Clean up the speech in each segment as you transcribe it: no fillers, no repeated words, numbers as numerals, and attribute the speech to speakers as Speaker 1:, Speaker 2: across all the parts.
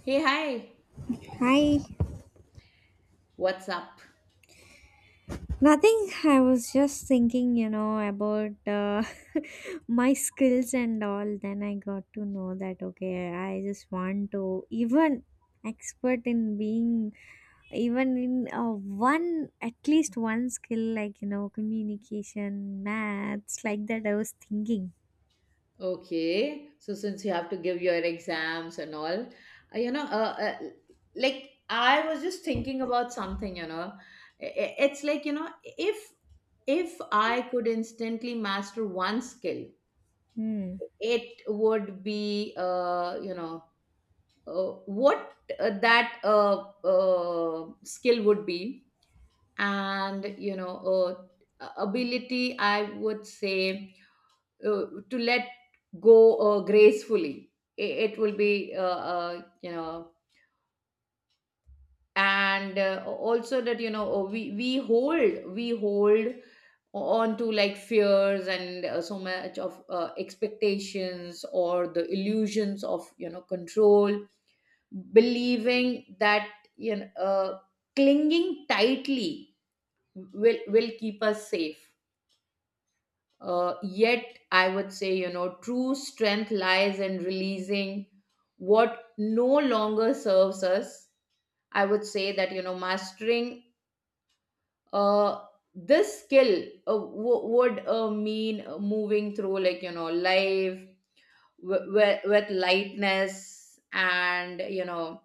Speaker 1: Hey, hi,
Speaker 2: Hi.
Speaker 1: what's up?
Speaker 2: Nothing. I was just thinking, you know, about my skills and all. Then I got to know that, okay, I just want to even expert in being even in one at least one skill like you know communication maths like that I was thinking
Speaker 1: Okay, so since you have to give your exams and all, you know, uh, uh, like I was just thinking about something, it's like, you know, if I could instantly master one skill,
Speaker 2: hmm.
Speaker 1: it would be, what that skill would be, and you know, ability, I would say to let go gracefully it will be uh, you know and also that you know we hold on to like fears and so much of expectations or the illusions of you know control believing that you know uh, clinging tightly will keep us safe. Yet, I would say, you know, true strength lies in releasing what no longer serves us. I would say that, you know, mastering uh, this skill would mean moving through, like, you know, life w- with lightness and,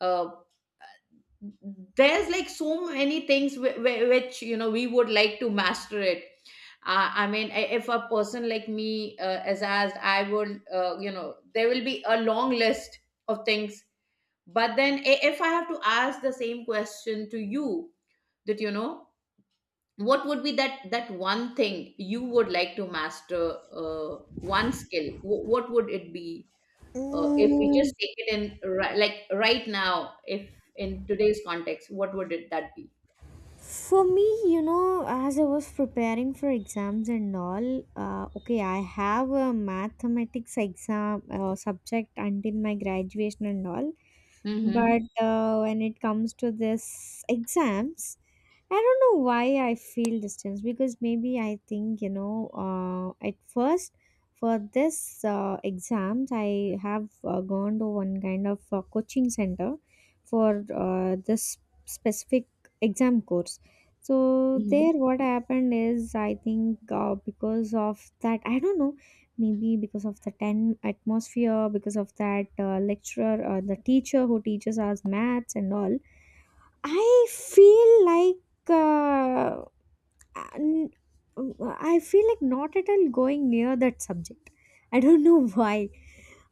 Speaker 1: uh, there's like so many things which you know we would like to master it. I mean, if a person like me is asked, I would, you know, there will be a long list of things. But then, if I have to ask the same question to you, that you know, what would be that one thing you would like to master, one skill? What would it be? If we
Speaker 2: Mm,
Speaker 1: just take it in like right now, if in today's context, what would it that be?
Speaker 2: for me, you know, as I was preparing for exams and all, okay, I have a mathematics exam subject until my graduation and all.
Speaker 1: Mm-hmm.
Speaker 2: But when it comes to this exams, I don't know why I feel distance because maybe I think, you know, at first for this exams, I have gone to one kind of coaching center for this specific exam course. So, there
Speaker 1: Mm-hmm.
Speaker 2: what happened is, I think because of that, I don't know, maybe because of the 10 atmosphere, because of that lecturer, the teacher who teaches us maths and all I feel like uh, n- I feel like not at all going near that subject. I don't know why.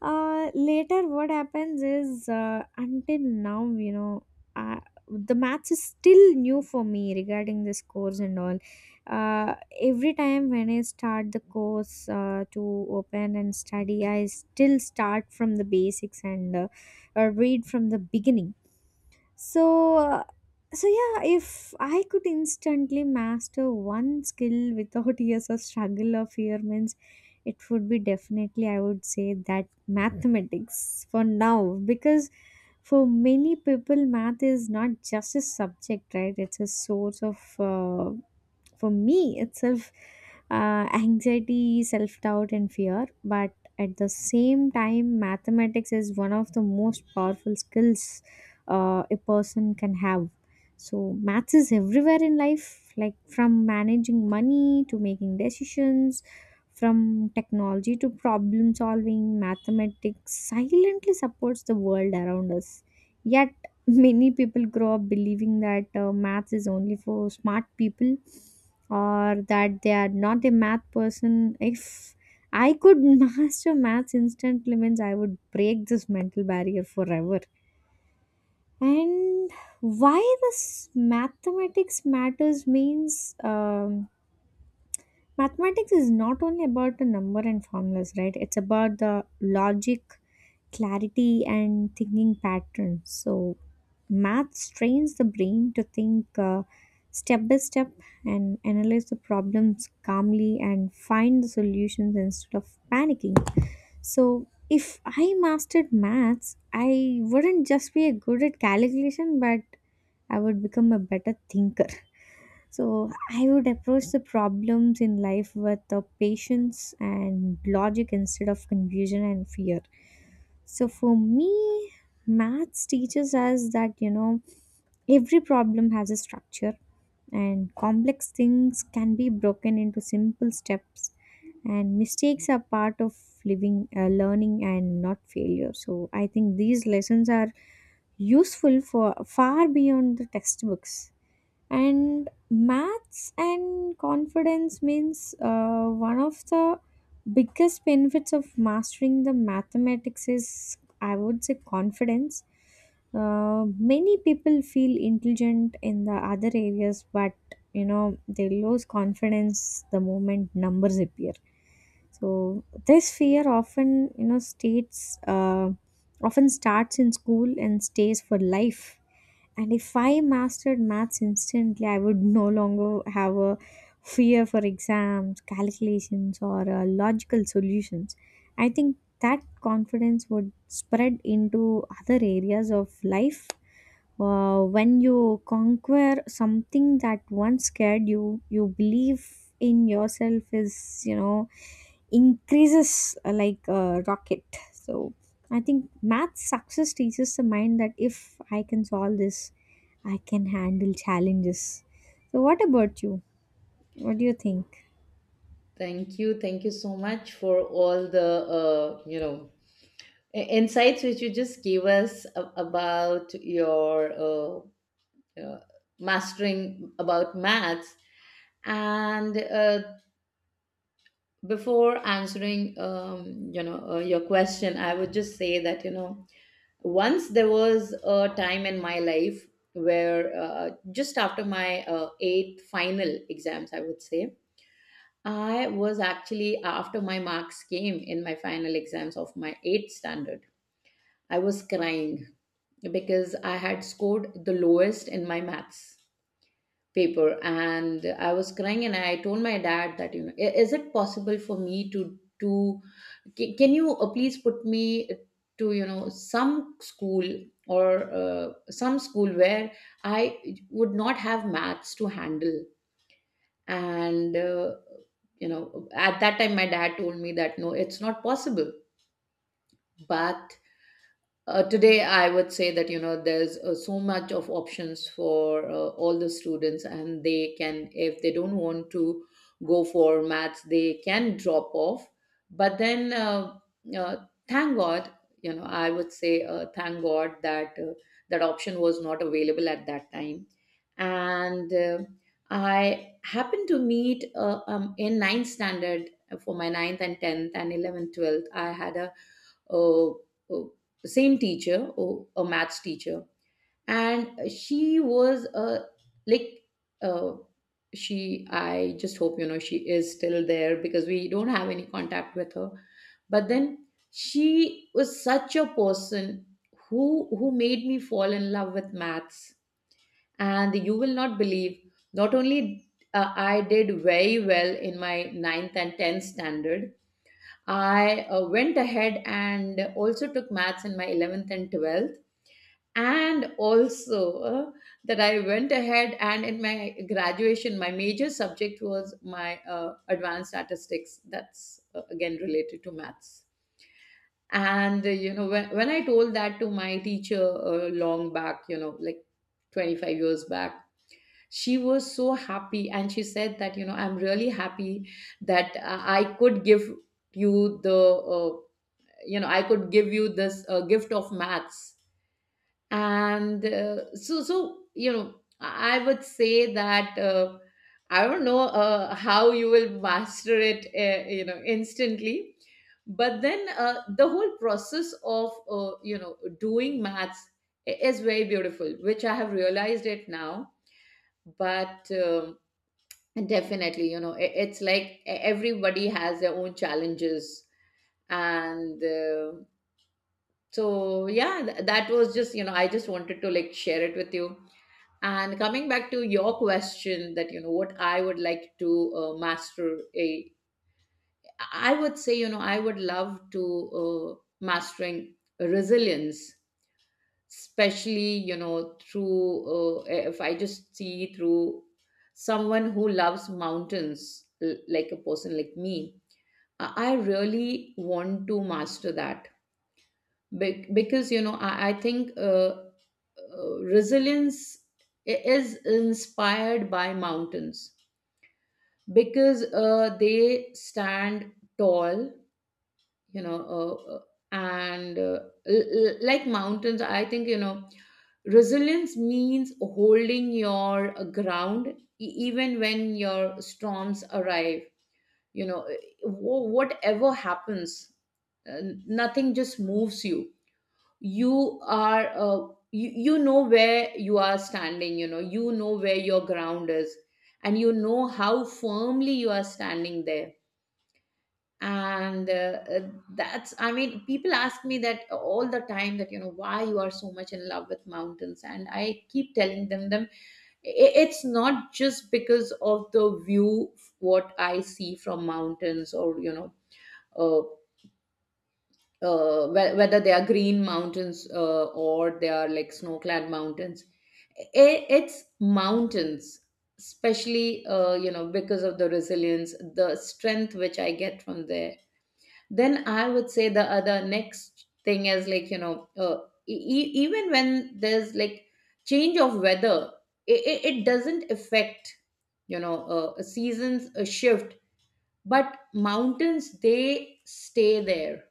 Speaker 2: Later, what happens is until now, you know, uh, the maths is still new for me regarding this course and all. Uh, every time when I start the course to open and study, I still start from the basics and read from the beginning. So, so yeah, if I could instantly master one skill without years of struggle or fear, means it would be definitely, I would say that mathematics for now, because for many people, math is not just a subject, right? It's a source of for me itself, anxiety, self-doubt, and fear, but at the same time mathematics is one of the most powerful skills a person can have. So maths is everywhere in life, like from managing money to making decisions, from technology to problem solving, mathematics silently supports the world around us. Yet many people grow up believing that maths is only for smart people or that they are not a math person. If I could master maths instantly, means I would break this mental barrier forever. And why this mathematics matters means mathematics is not only about the number and formulas, right? It's about the logic, clarity, and thinking patterns. So, math strains the brain to think step by step and analyze the problems calmly and find the solutions instead of panicking. So, if I mastered maths, I wouldn't just be good at calculation, but I would become a better thinker. So I would approach the problems in life with the patience and logic instead of confusion and fear. So for me, maths teaches us that you know every problem has a structure, and complex things can be broken into simple steps, and mistakes are part of living, learning, and not failure. So I think these lessons are useful for far beyond the textbooks. And maths and confidence means, one of the biggest benefits of mastering the mathematics is I would say confidence. Many people feel intelligent in the other areas, but you know they lose confidence the moment numbers appear. So this fear often you know states often starts in school and stays for life. And if I mastered maths instantly, I would no longer have a fear for exams, calculations, or logical solutions. I think that confidence would spread into other areas of life. When you conquer something that once scared you, you believe in yourself is, you know, increases like a rocket. So I think math success teaches the mind that if I can solve this, I can handle challenges. So what about you? What do you think?
Speaker 1: Thank you. Thank you so much for all the insights which you just gave us about your you know, mastering about maths. And before answering your question, I would just say that you know, once there was a time in my life where just after my eighth final exams, I would say. I was actually after my marks came in my final exams of my 8th standard. I was crying because I had scored the lowest in my maths paper, and I was crying and I told my dad that, you know, Is it possible for me to can you please put me to you know some school, or some school where I would not have maths to handle?" And you know, at that time my dad told me that no, it's not possible. But today I would say that you know, there's so much of options for all the students, and they can, if they don't want to go for maths, they can drop off. But then, uh, thank god, you know, I would say thank god that that option was not available at that time. And I happened to meet in ninth standard, for my ninth and tenth and 11th, 12th, I had a, uh uh same teacher, oh, a maths teacher, and she was like uh, she. I just hope you know she is still there because we don't have any contact with her. But then, she was such a person who made me fall in love with maths. And you will not believe, not only I did very well in my ninth and 10th standard, I went ahead and also took maths in my 11th and 12th, and also uh, that I went ahead, and in my graduation my major subject was my advanced statistics, that's again related to maths. And you know, when I told that to my teacher long back, you know, like 25 years back, she was so happy and she said that you know, I'm really happy that I could give you the you know, I could give you this gift of maths. And so, you know, I would say that I don't know how you will master it you know, instantly. But then, the whole process of doing maths is very beautiful, which I have realized it now. But definitely, you know, it's like everybody has their own challenges. And so, yeah, that was just, you know, I just wanted to like share it with you. And coming back to your question that, you know, what I would like to master, a, I would say, you know, I would love to mastering resilience, especially you know through if I just see through someone who loves mountains, like a person like me, I really want to master that. Because you know, I think resilience is inspired by mountains, because they stand tall, you know uh, uh, and uh, like mountains, I think, you know, resilience means holding your ground even when your storms arrive. You know, whatever happens, uh, nothing just moves you. You are you, you know where you are standing, you know, you know where your ground is, and you know how firmly you are standing there. And uh, that's, I mean, people ask me that all the time, that you know, why you are so much in love with mountains, and I keep telling them, it's not just because of the view what I see from mountains, or you know, uh, whether they are green mountains or they are like snow-clad mountains. It's mountains, especially you know, because of the resilience, the strength which I get from there. Then I would say the other next thing is like, you know, even when there's like change of weather, it doesn't affect, you know, a seasons a shift, but mountains, they stay there.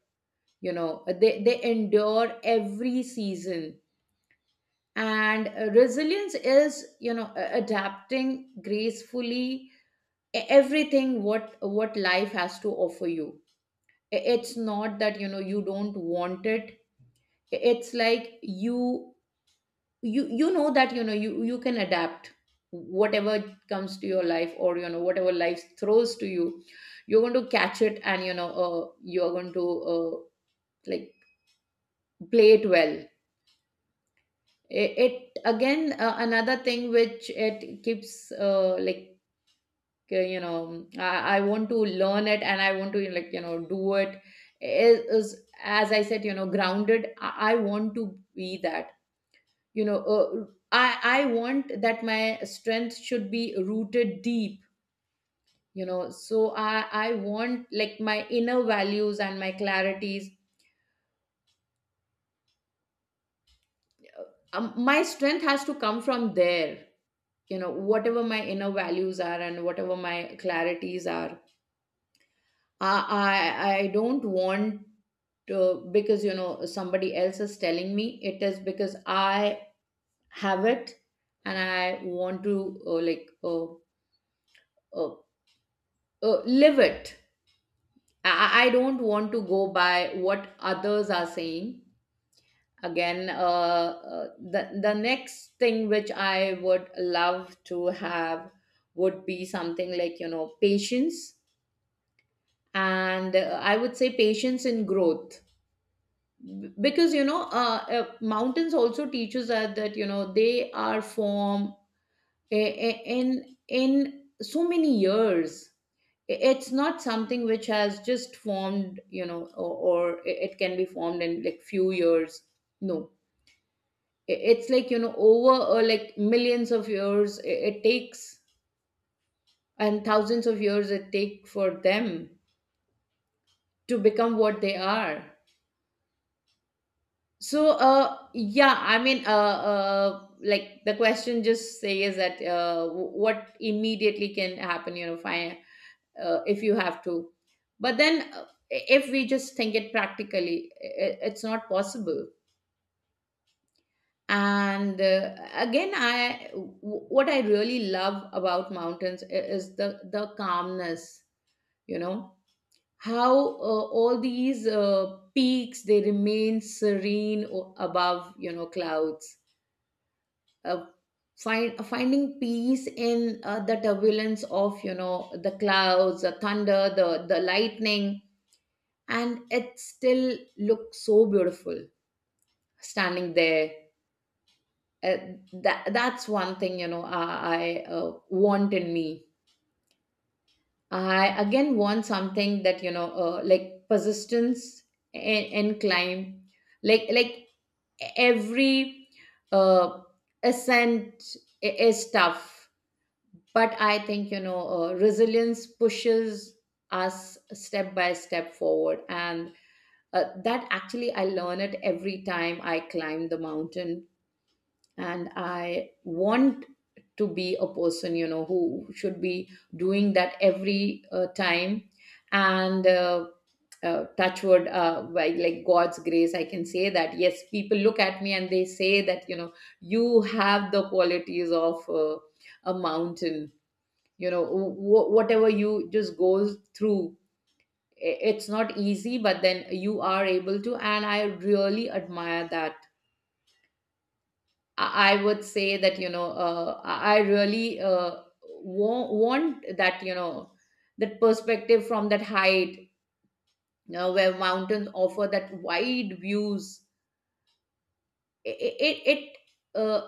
Speaker 1: You know, they endure every season. And resilience is, you know, adapting gracefully everything what life has to offer you. It's not that you know you don't want it, it's like you know, that you know you can adapt whatever comes to your life, or you know, whatever life throws to you, you're going to catch it, and you know, you're going to, uh, like, play it well. It again, another thing which it keeps, you know, I want to learn it and I want to like you know do it, is as I said, you know, grounded. I want to be that. You know, I want that my strength should be rooted deep. You know, so I want like my inner values and my clarities, my strength has to come from there. You know, whatever my inner values are and whatever my clarities are, I don't want to, because you know, somebody else is telling me, it is because I have it, and I want to uh, live it. I don't want to go by what others are saying. Again, the next thing which I would love to have would be something like, you know, patience. And I would say patience in growth. Because you know, mountains also teaches us that you know, they are formed in so many years. It's not something which has just formed, you know, or it can be formed in like few years, no. It's like you know, over like millions of years I- it takes, and thousands of years it take for them to become what they are. So, like the question just says that what immediately can happen, you know, if if you have to. But then, if we just think it practically, it's not possible. And again, what I really love about mountains is the calmness. You know how all these peaks they remain serene above, you know, clouds, uh, finding peace in the turbulence of, you know, the clouds, the thunder, the lightning, and it still looks so beautiful standing there. uh, that's one thing, you know. I want in me. I again want something that, you know, like persistence in, in climb. Like every uh, ascent is tough, but I think, you know, resilience pushes us step by step forward, and that actually I learn it every time I climb the mountain. And I want to be a person, you know, who should be doing that every time. And touchwood, by like god's grace, I can say that yes, people look at me and they say that, you know, you have the qualities of a mountain. You know, whatever you just goes through, it's not easy, but then you are able to, and I really admire that. I would say that, you know, I really want that, you know, that perspective from that height, you know, where mountains offer that wide views. it it, it uh,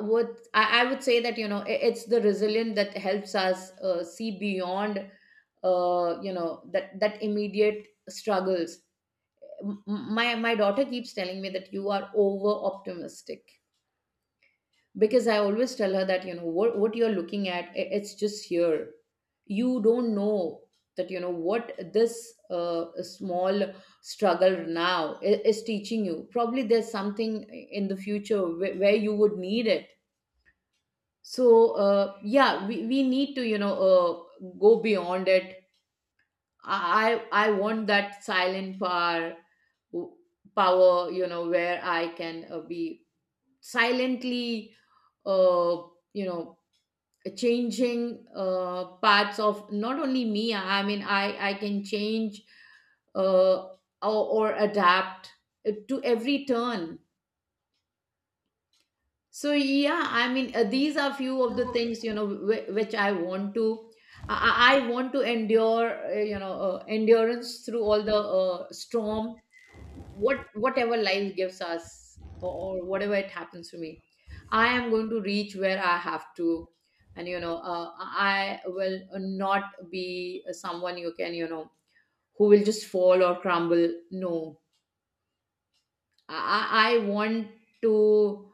Speaker 1: I would say that, you know, it's the resilience that helps us see beyond, you know, that immediate struggles. My daughter keeps telling me that you are over optimistic, because I always tell her that, you know, what you're looking at, it's just here. You don't know that, you know, what this small struggle now is teaching you. Probably there's something in the future where you would need it. So yeah, we need to, you know, go beyond it. I I want that silent power, w- power, you know, where I can be silently, uh, you know, changing parts of not only me. I mean, I can change, uh, or adapt to every turn. So yeah, I mean, these are few of the things, you know, which I want to. i, I want to endure, you know, endurance through all the storm. Whatever life gives us, or whatever it happens to me, I am going to reach where I have to. And you know, I will not be someone you can, you know, who will just fall or crumble. No, I want to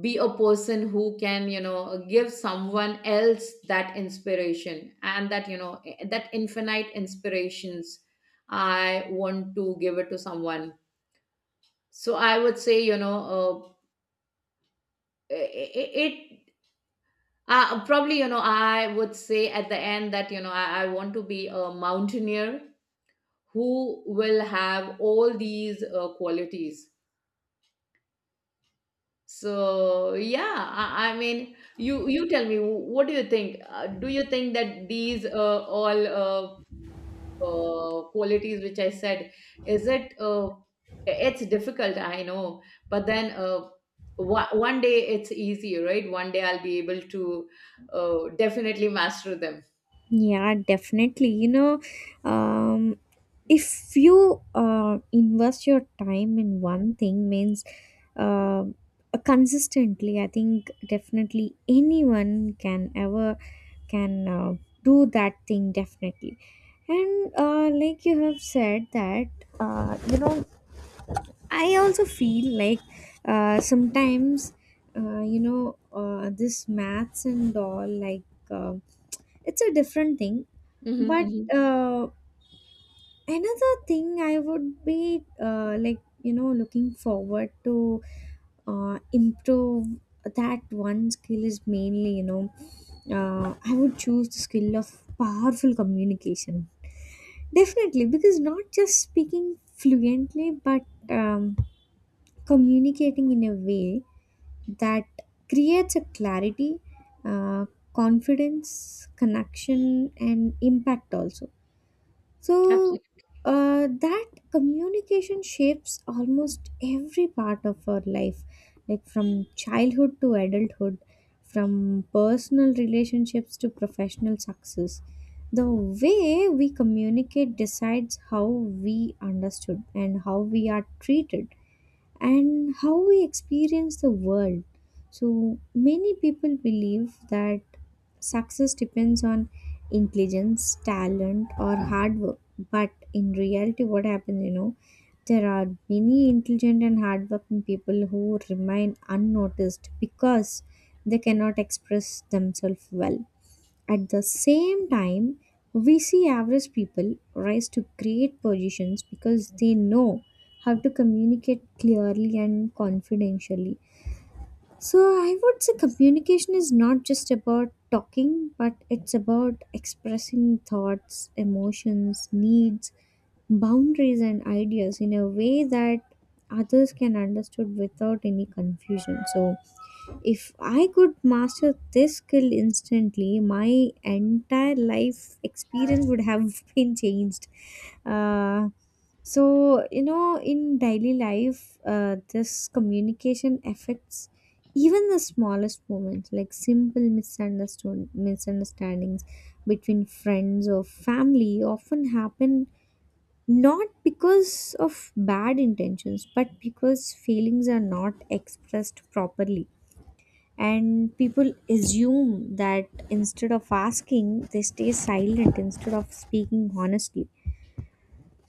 Speaker 1: be a person who can, you know, give someone else that inspiration, and that, you know, that infinite inspirations. I want to give it to someone. So I would say, you know, it, it probably, you know, I would say at the end that, you know, I want to be a mountaineer who will have all these qualities. So yeah, I mean, you tell me, what do you think? Do you think that these all qualities which I said, is it it's difficult, I know, but then one day it's easy, right? One day I'll be able to uh, definitely master them.
Speaker 2: Yeah, definitely. You know, um, if you invest your time in one thing, means uh, consistently, I think definitely anyone can ever can do that thing definitely. And like you have said that, you know, I also feel like sometimes, you know, this maths and all like. Um, it's a different thing
Speaker 1: Mm-hmm,
Speaker 2: but
Speaker 1: mm-hmm.
Speaker 2: uh, another thing I would be like you know looking forward to improve, that one skill is mainly you know I would choose the skill of powerful communication definitely, because not just speaking fluently but um, communicating in a way that creates a clarity, uh, confidence, connection, and impact also. So
Speaker 1: Absolutely.
Speaker 2: that communication shapes almost every part of our life, like from childhood to adulthood, from personal relationships to professional success. The way we communicate decides how we understood and how we are treated and how we experience the world. So, many people believe that success depends on intelligence, talent, or hard work. But in reality, what happens, you know, there are many intelligent and hardworking people who remain unnoticed because they cannot express themselves well. At the same time, we see average people rise to great positions because they know how to communicate clearly and confidentially. So, I would say communication is not just about talking, but it's about expressing thoughts, emotions, needs, boundaries, and ideas in a way that others can understood without any confusion. So, if I could master this skill instantly, my entire life experience would have been changed. Uh, so, you know, in daily life, this communication affects even the smallest moments, like simple misunderstood misunderstandings between friends or family often happen not because of bad intentions but because feelings are not expressed properly, and people assume that instead of asking they stay silent instead of speaking honestly.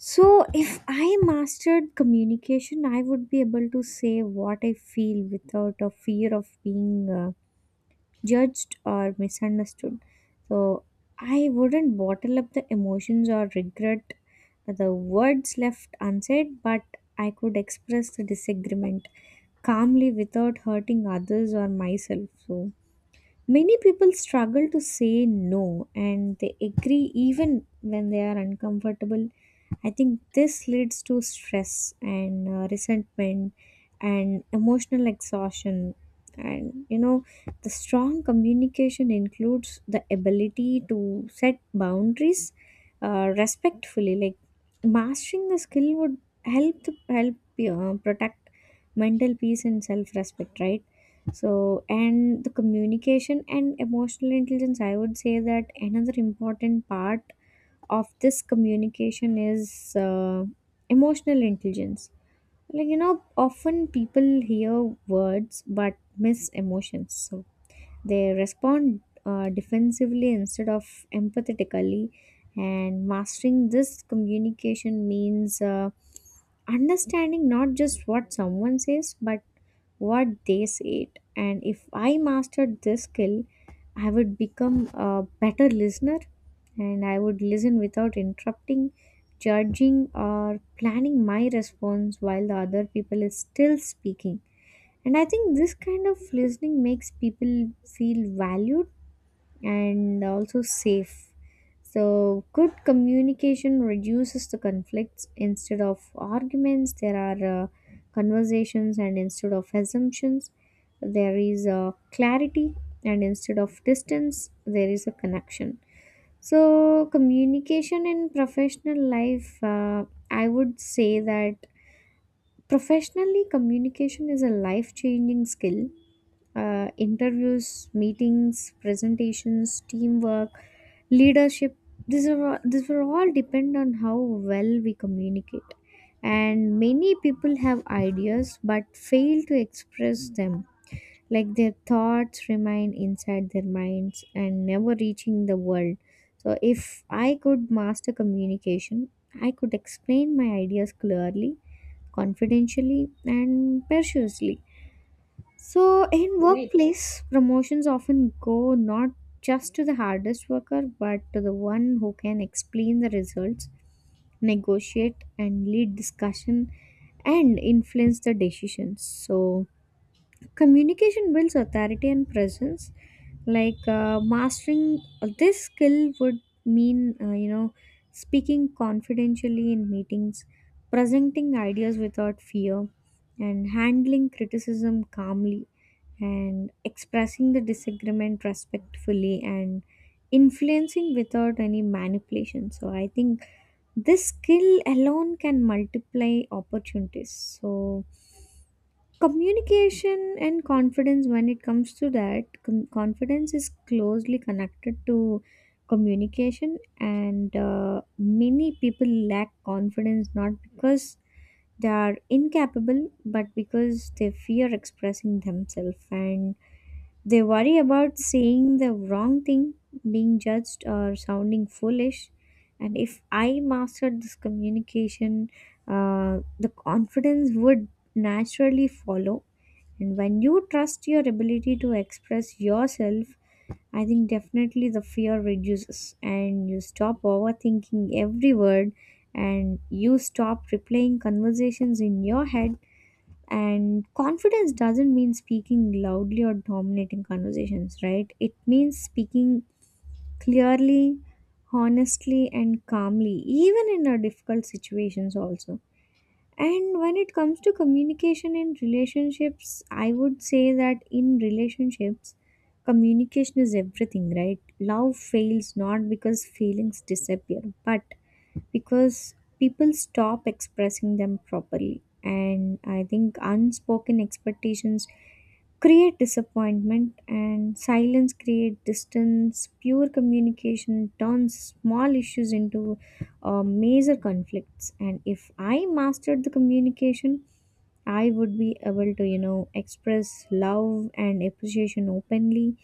Speaker 2: So if I mastered communication I would be able to say what I feel without a fear of being judged or misunderstood. So I wouldn't bottle up the emotions or regret the words left unsaid, but I could express the disagreement calmly without hurting others or myself. So many people struggle to say no and they agree even when they are uncomfortable. I think this leads to stress and resentment and emotional exhaustion. And you know, the strong communication includes the ability to set boundaries respectfully. Like mastering the skill would help protect mental peace and self-respect, right? So and the communication and emotional intelligence, I would say that another important part of this communication is emotional intelligence. Like you know often people hear words but miss emotions, so they respond defensively instead of empathetically. And mastering this communication means understanding not just what someone says but what they said. And if I mastered this skill I would become a better listener, and I would listen without interrupting, judging, or planning my response while the other people is still speaking. And I think this kind of listening makes people feel valued and also safe. So, good communication reduces the conflicts. Instead of arguments, there are conversations, and instead of assumptions, there is clarity, and instead of distance, there is a connection. So, communication in professional life, I would say that professionally, communication is a life changing skill. Uh, interviews, meetings, presentations, teamwork, leadership. These these were all depend on how well we communicate. And many people have ideas but fail to express them. Like their thoughts remain inside their minds and never reaching the world. So if I could master communication, I could explain my ideas clearly, confidentially, and persuasively. So, in
Speaker 1: Great.
Speaker 2: workplace, promotions often go not just to the hardest worker, but to the one who can explain the results, negotiate, and lead discussion, and influence the decisions. So, communication builds authority and presence. Like mastering this skill would mean, you know, speaking confidentially in meetings, presenting ideas without fear, and handling criticism calmly and expressing the disagreement respectfully and influencing without any manipulation. So I think this skill alone can multiply opportunities. So communication and confidence, when it comes to that, confidence is closely connected to communication. And many people lack confidence not because they are incapable but because they fear expressing themselves, and they worry about saying the wrong thing, being judged, or sounding foolish. And if I mastered this communication, the confidence would naturally follow. And when you trust your ability to express yourself, I think definitely the fear reduces and you stop overthinking every word and you stop replaying conversations in your head. And confidence doesn't mean speaking loudly or dominating conversations, right? It means speaking clearly, honestly, and calmly, even in our difficult situations, also. And when it comes to communication in relationships, I would say that in relationships, communication is everything, right? Love fails not because feelings disappear, but because people stop expressing them properly. And I think unspoken expectations create disappointment, and silence create distance. Pure communication turns small issues into major conflicts. And if I mastered the communication, I would be able to, you know, express love and appreciation openly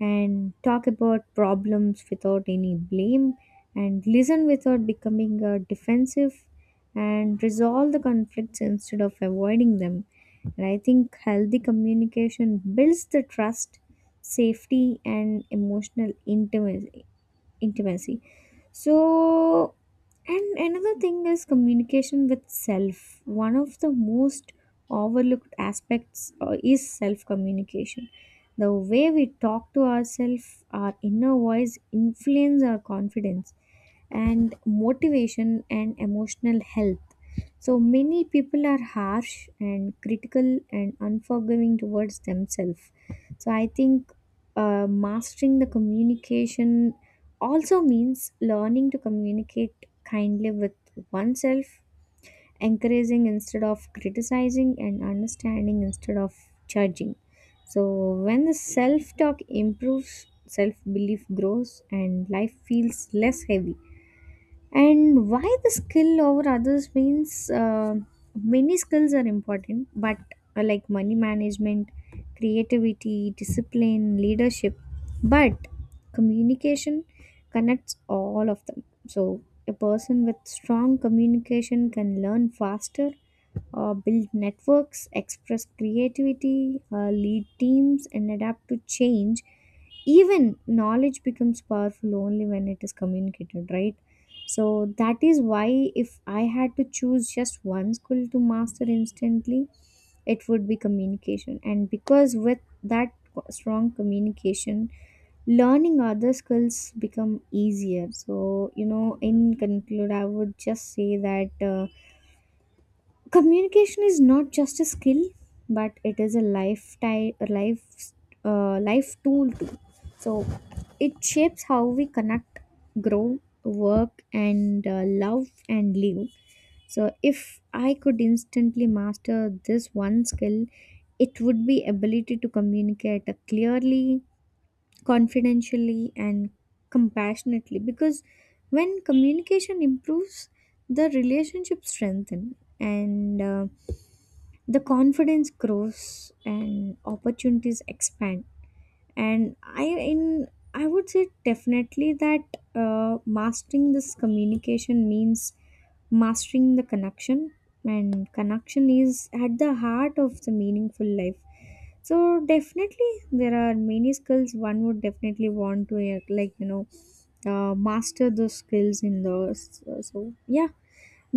Speaker 2: and talk about problems without any blame and listen without becoming defensive and resolve the conflicts instead of avoiding them. And I think healthy communication builds the trust, safety, and emotional intimacy. So and another thing is communication with self. One of the most overlooked aspects is self communication. The way we talk to ourselves, our inner voice, influence our confidence and motivation and emotional health. So many people are harsh and critical and unforgiving towards themselves. So I think mastering the communication also means learning to communicate kindly with oneself, encouraging instead of criticizing, and understanding instead of judging. So, when the self talk improves, self belief grows, and life feels less heavy. And why the skill over others means, many skills are important, but like money management, creativity, discipline, leadership, but communication connects all of them. So a person with strong communication can learn faster, build networks, express creativity, lead teams, and adapt to change. Even knowledge becomes powerful only when it is communicated right. So that is why if I had to choose just one skill to master instantly, it would be communication. And because with that strong communication, learning other skills become easier. So, you know, in conclude, I would just say that communication is not just a skill but it is a lifetime, a life life tool too. So it shapes how we connect, grow, work, and love and live. So if I could instantly master this one skill, it would be ability to communicate clearly, confidentially, and compassionately, because when communication improves, the relationship strengthen, and the confidence grows and opportunities expand. And I would say definitely that mastering this communication means mastering the connection, and connection is at the heart of the meaningful life. So definitely there are many skills one would definitely want to like you know master those skills in those. So so, yeah,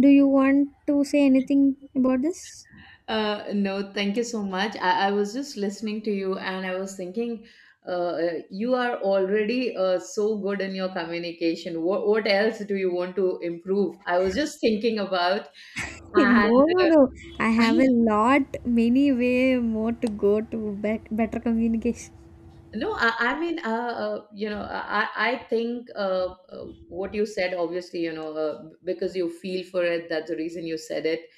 Speaker 2: do you want to say anything about this?
Speaker 1: No, thank you so much. I was just listening to you and I was thinking, uh, you are already so good in your communication. What else do you want to improve? I was just thinking about. And
Speaker 2: No, no, no. I have a lot, many way more to go to bet better communication.
Speaker 1: No, I mean, you know, I think what you said, obviously, you know, because you feel for it, that's the reason you said it.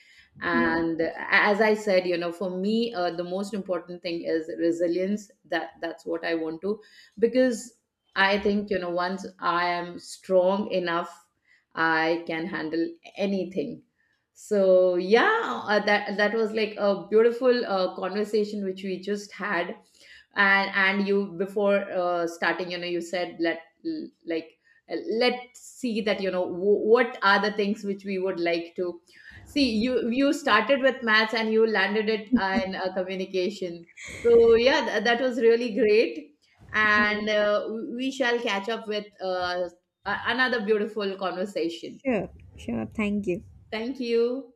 Speaker 2: Yeah.
Speaker 1: And as I said, you know, for me, the most important thing is resilience. That's what I want to, because I think, you know, once I am strong enough, I can handle anything. So yeah, that was like a beautiful conversation which we just had. And you, before starting, you know, you said, like let's see that, you know, what are the things which we would like to see. You started with maths and you landed it uh, in uh, communication. So yeah, that was really great, and we shall catch up with another beautiful conversation.
Speaker 2: Sure, sure. Thank you.
Speaker 1: Thank you.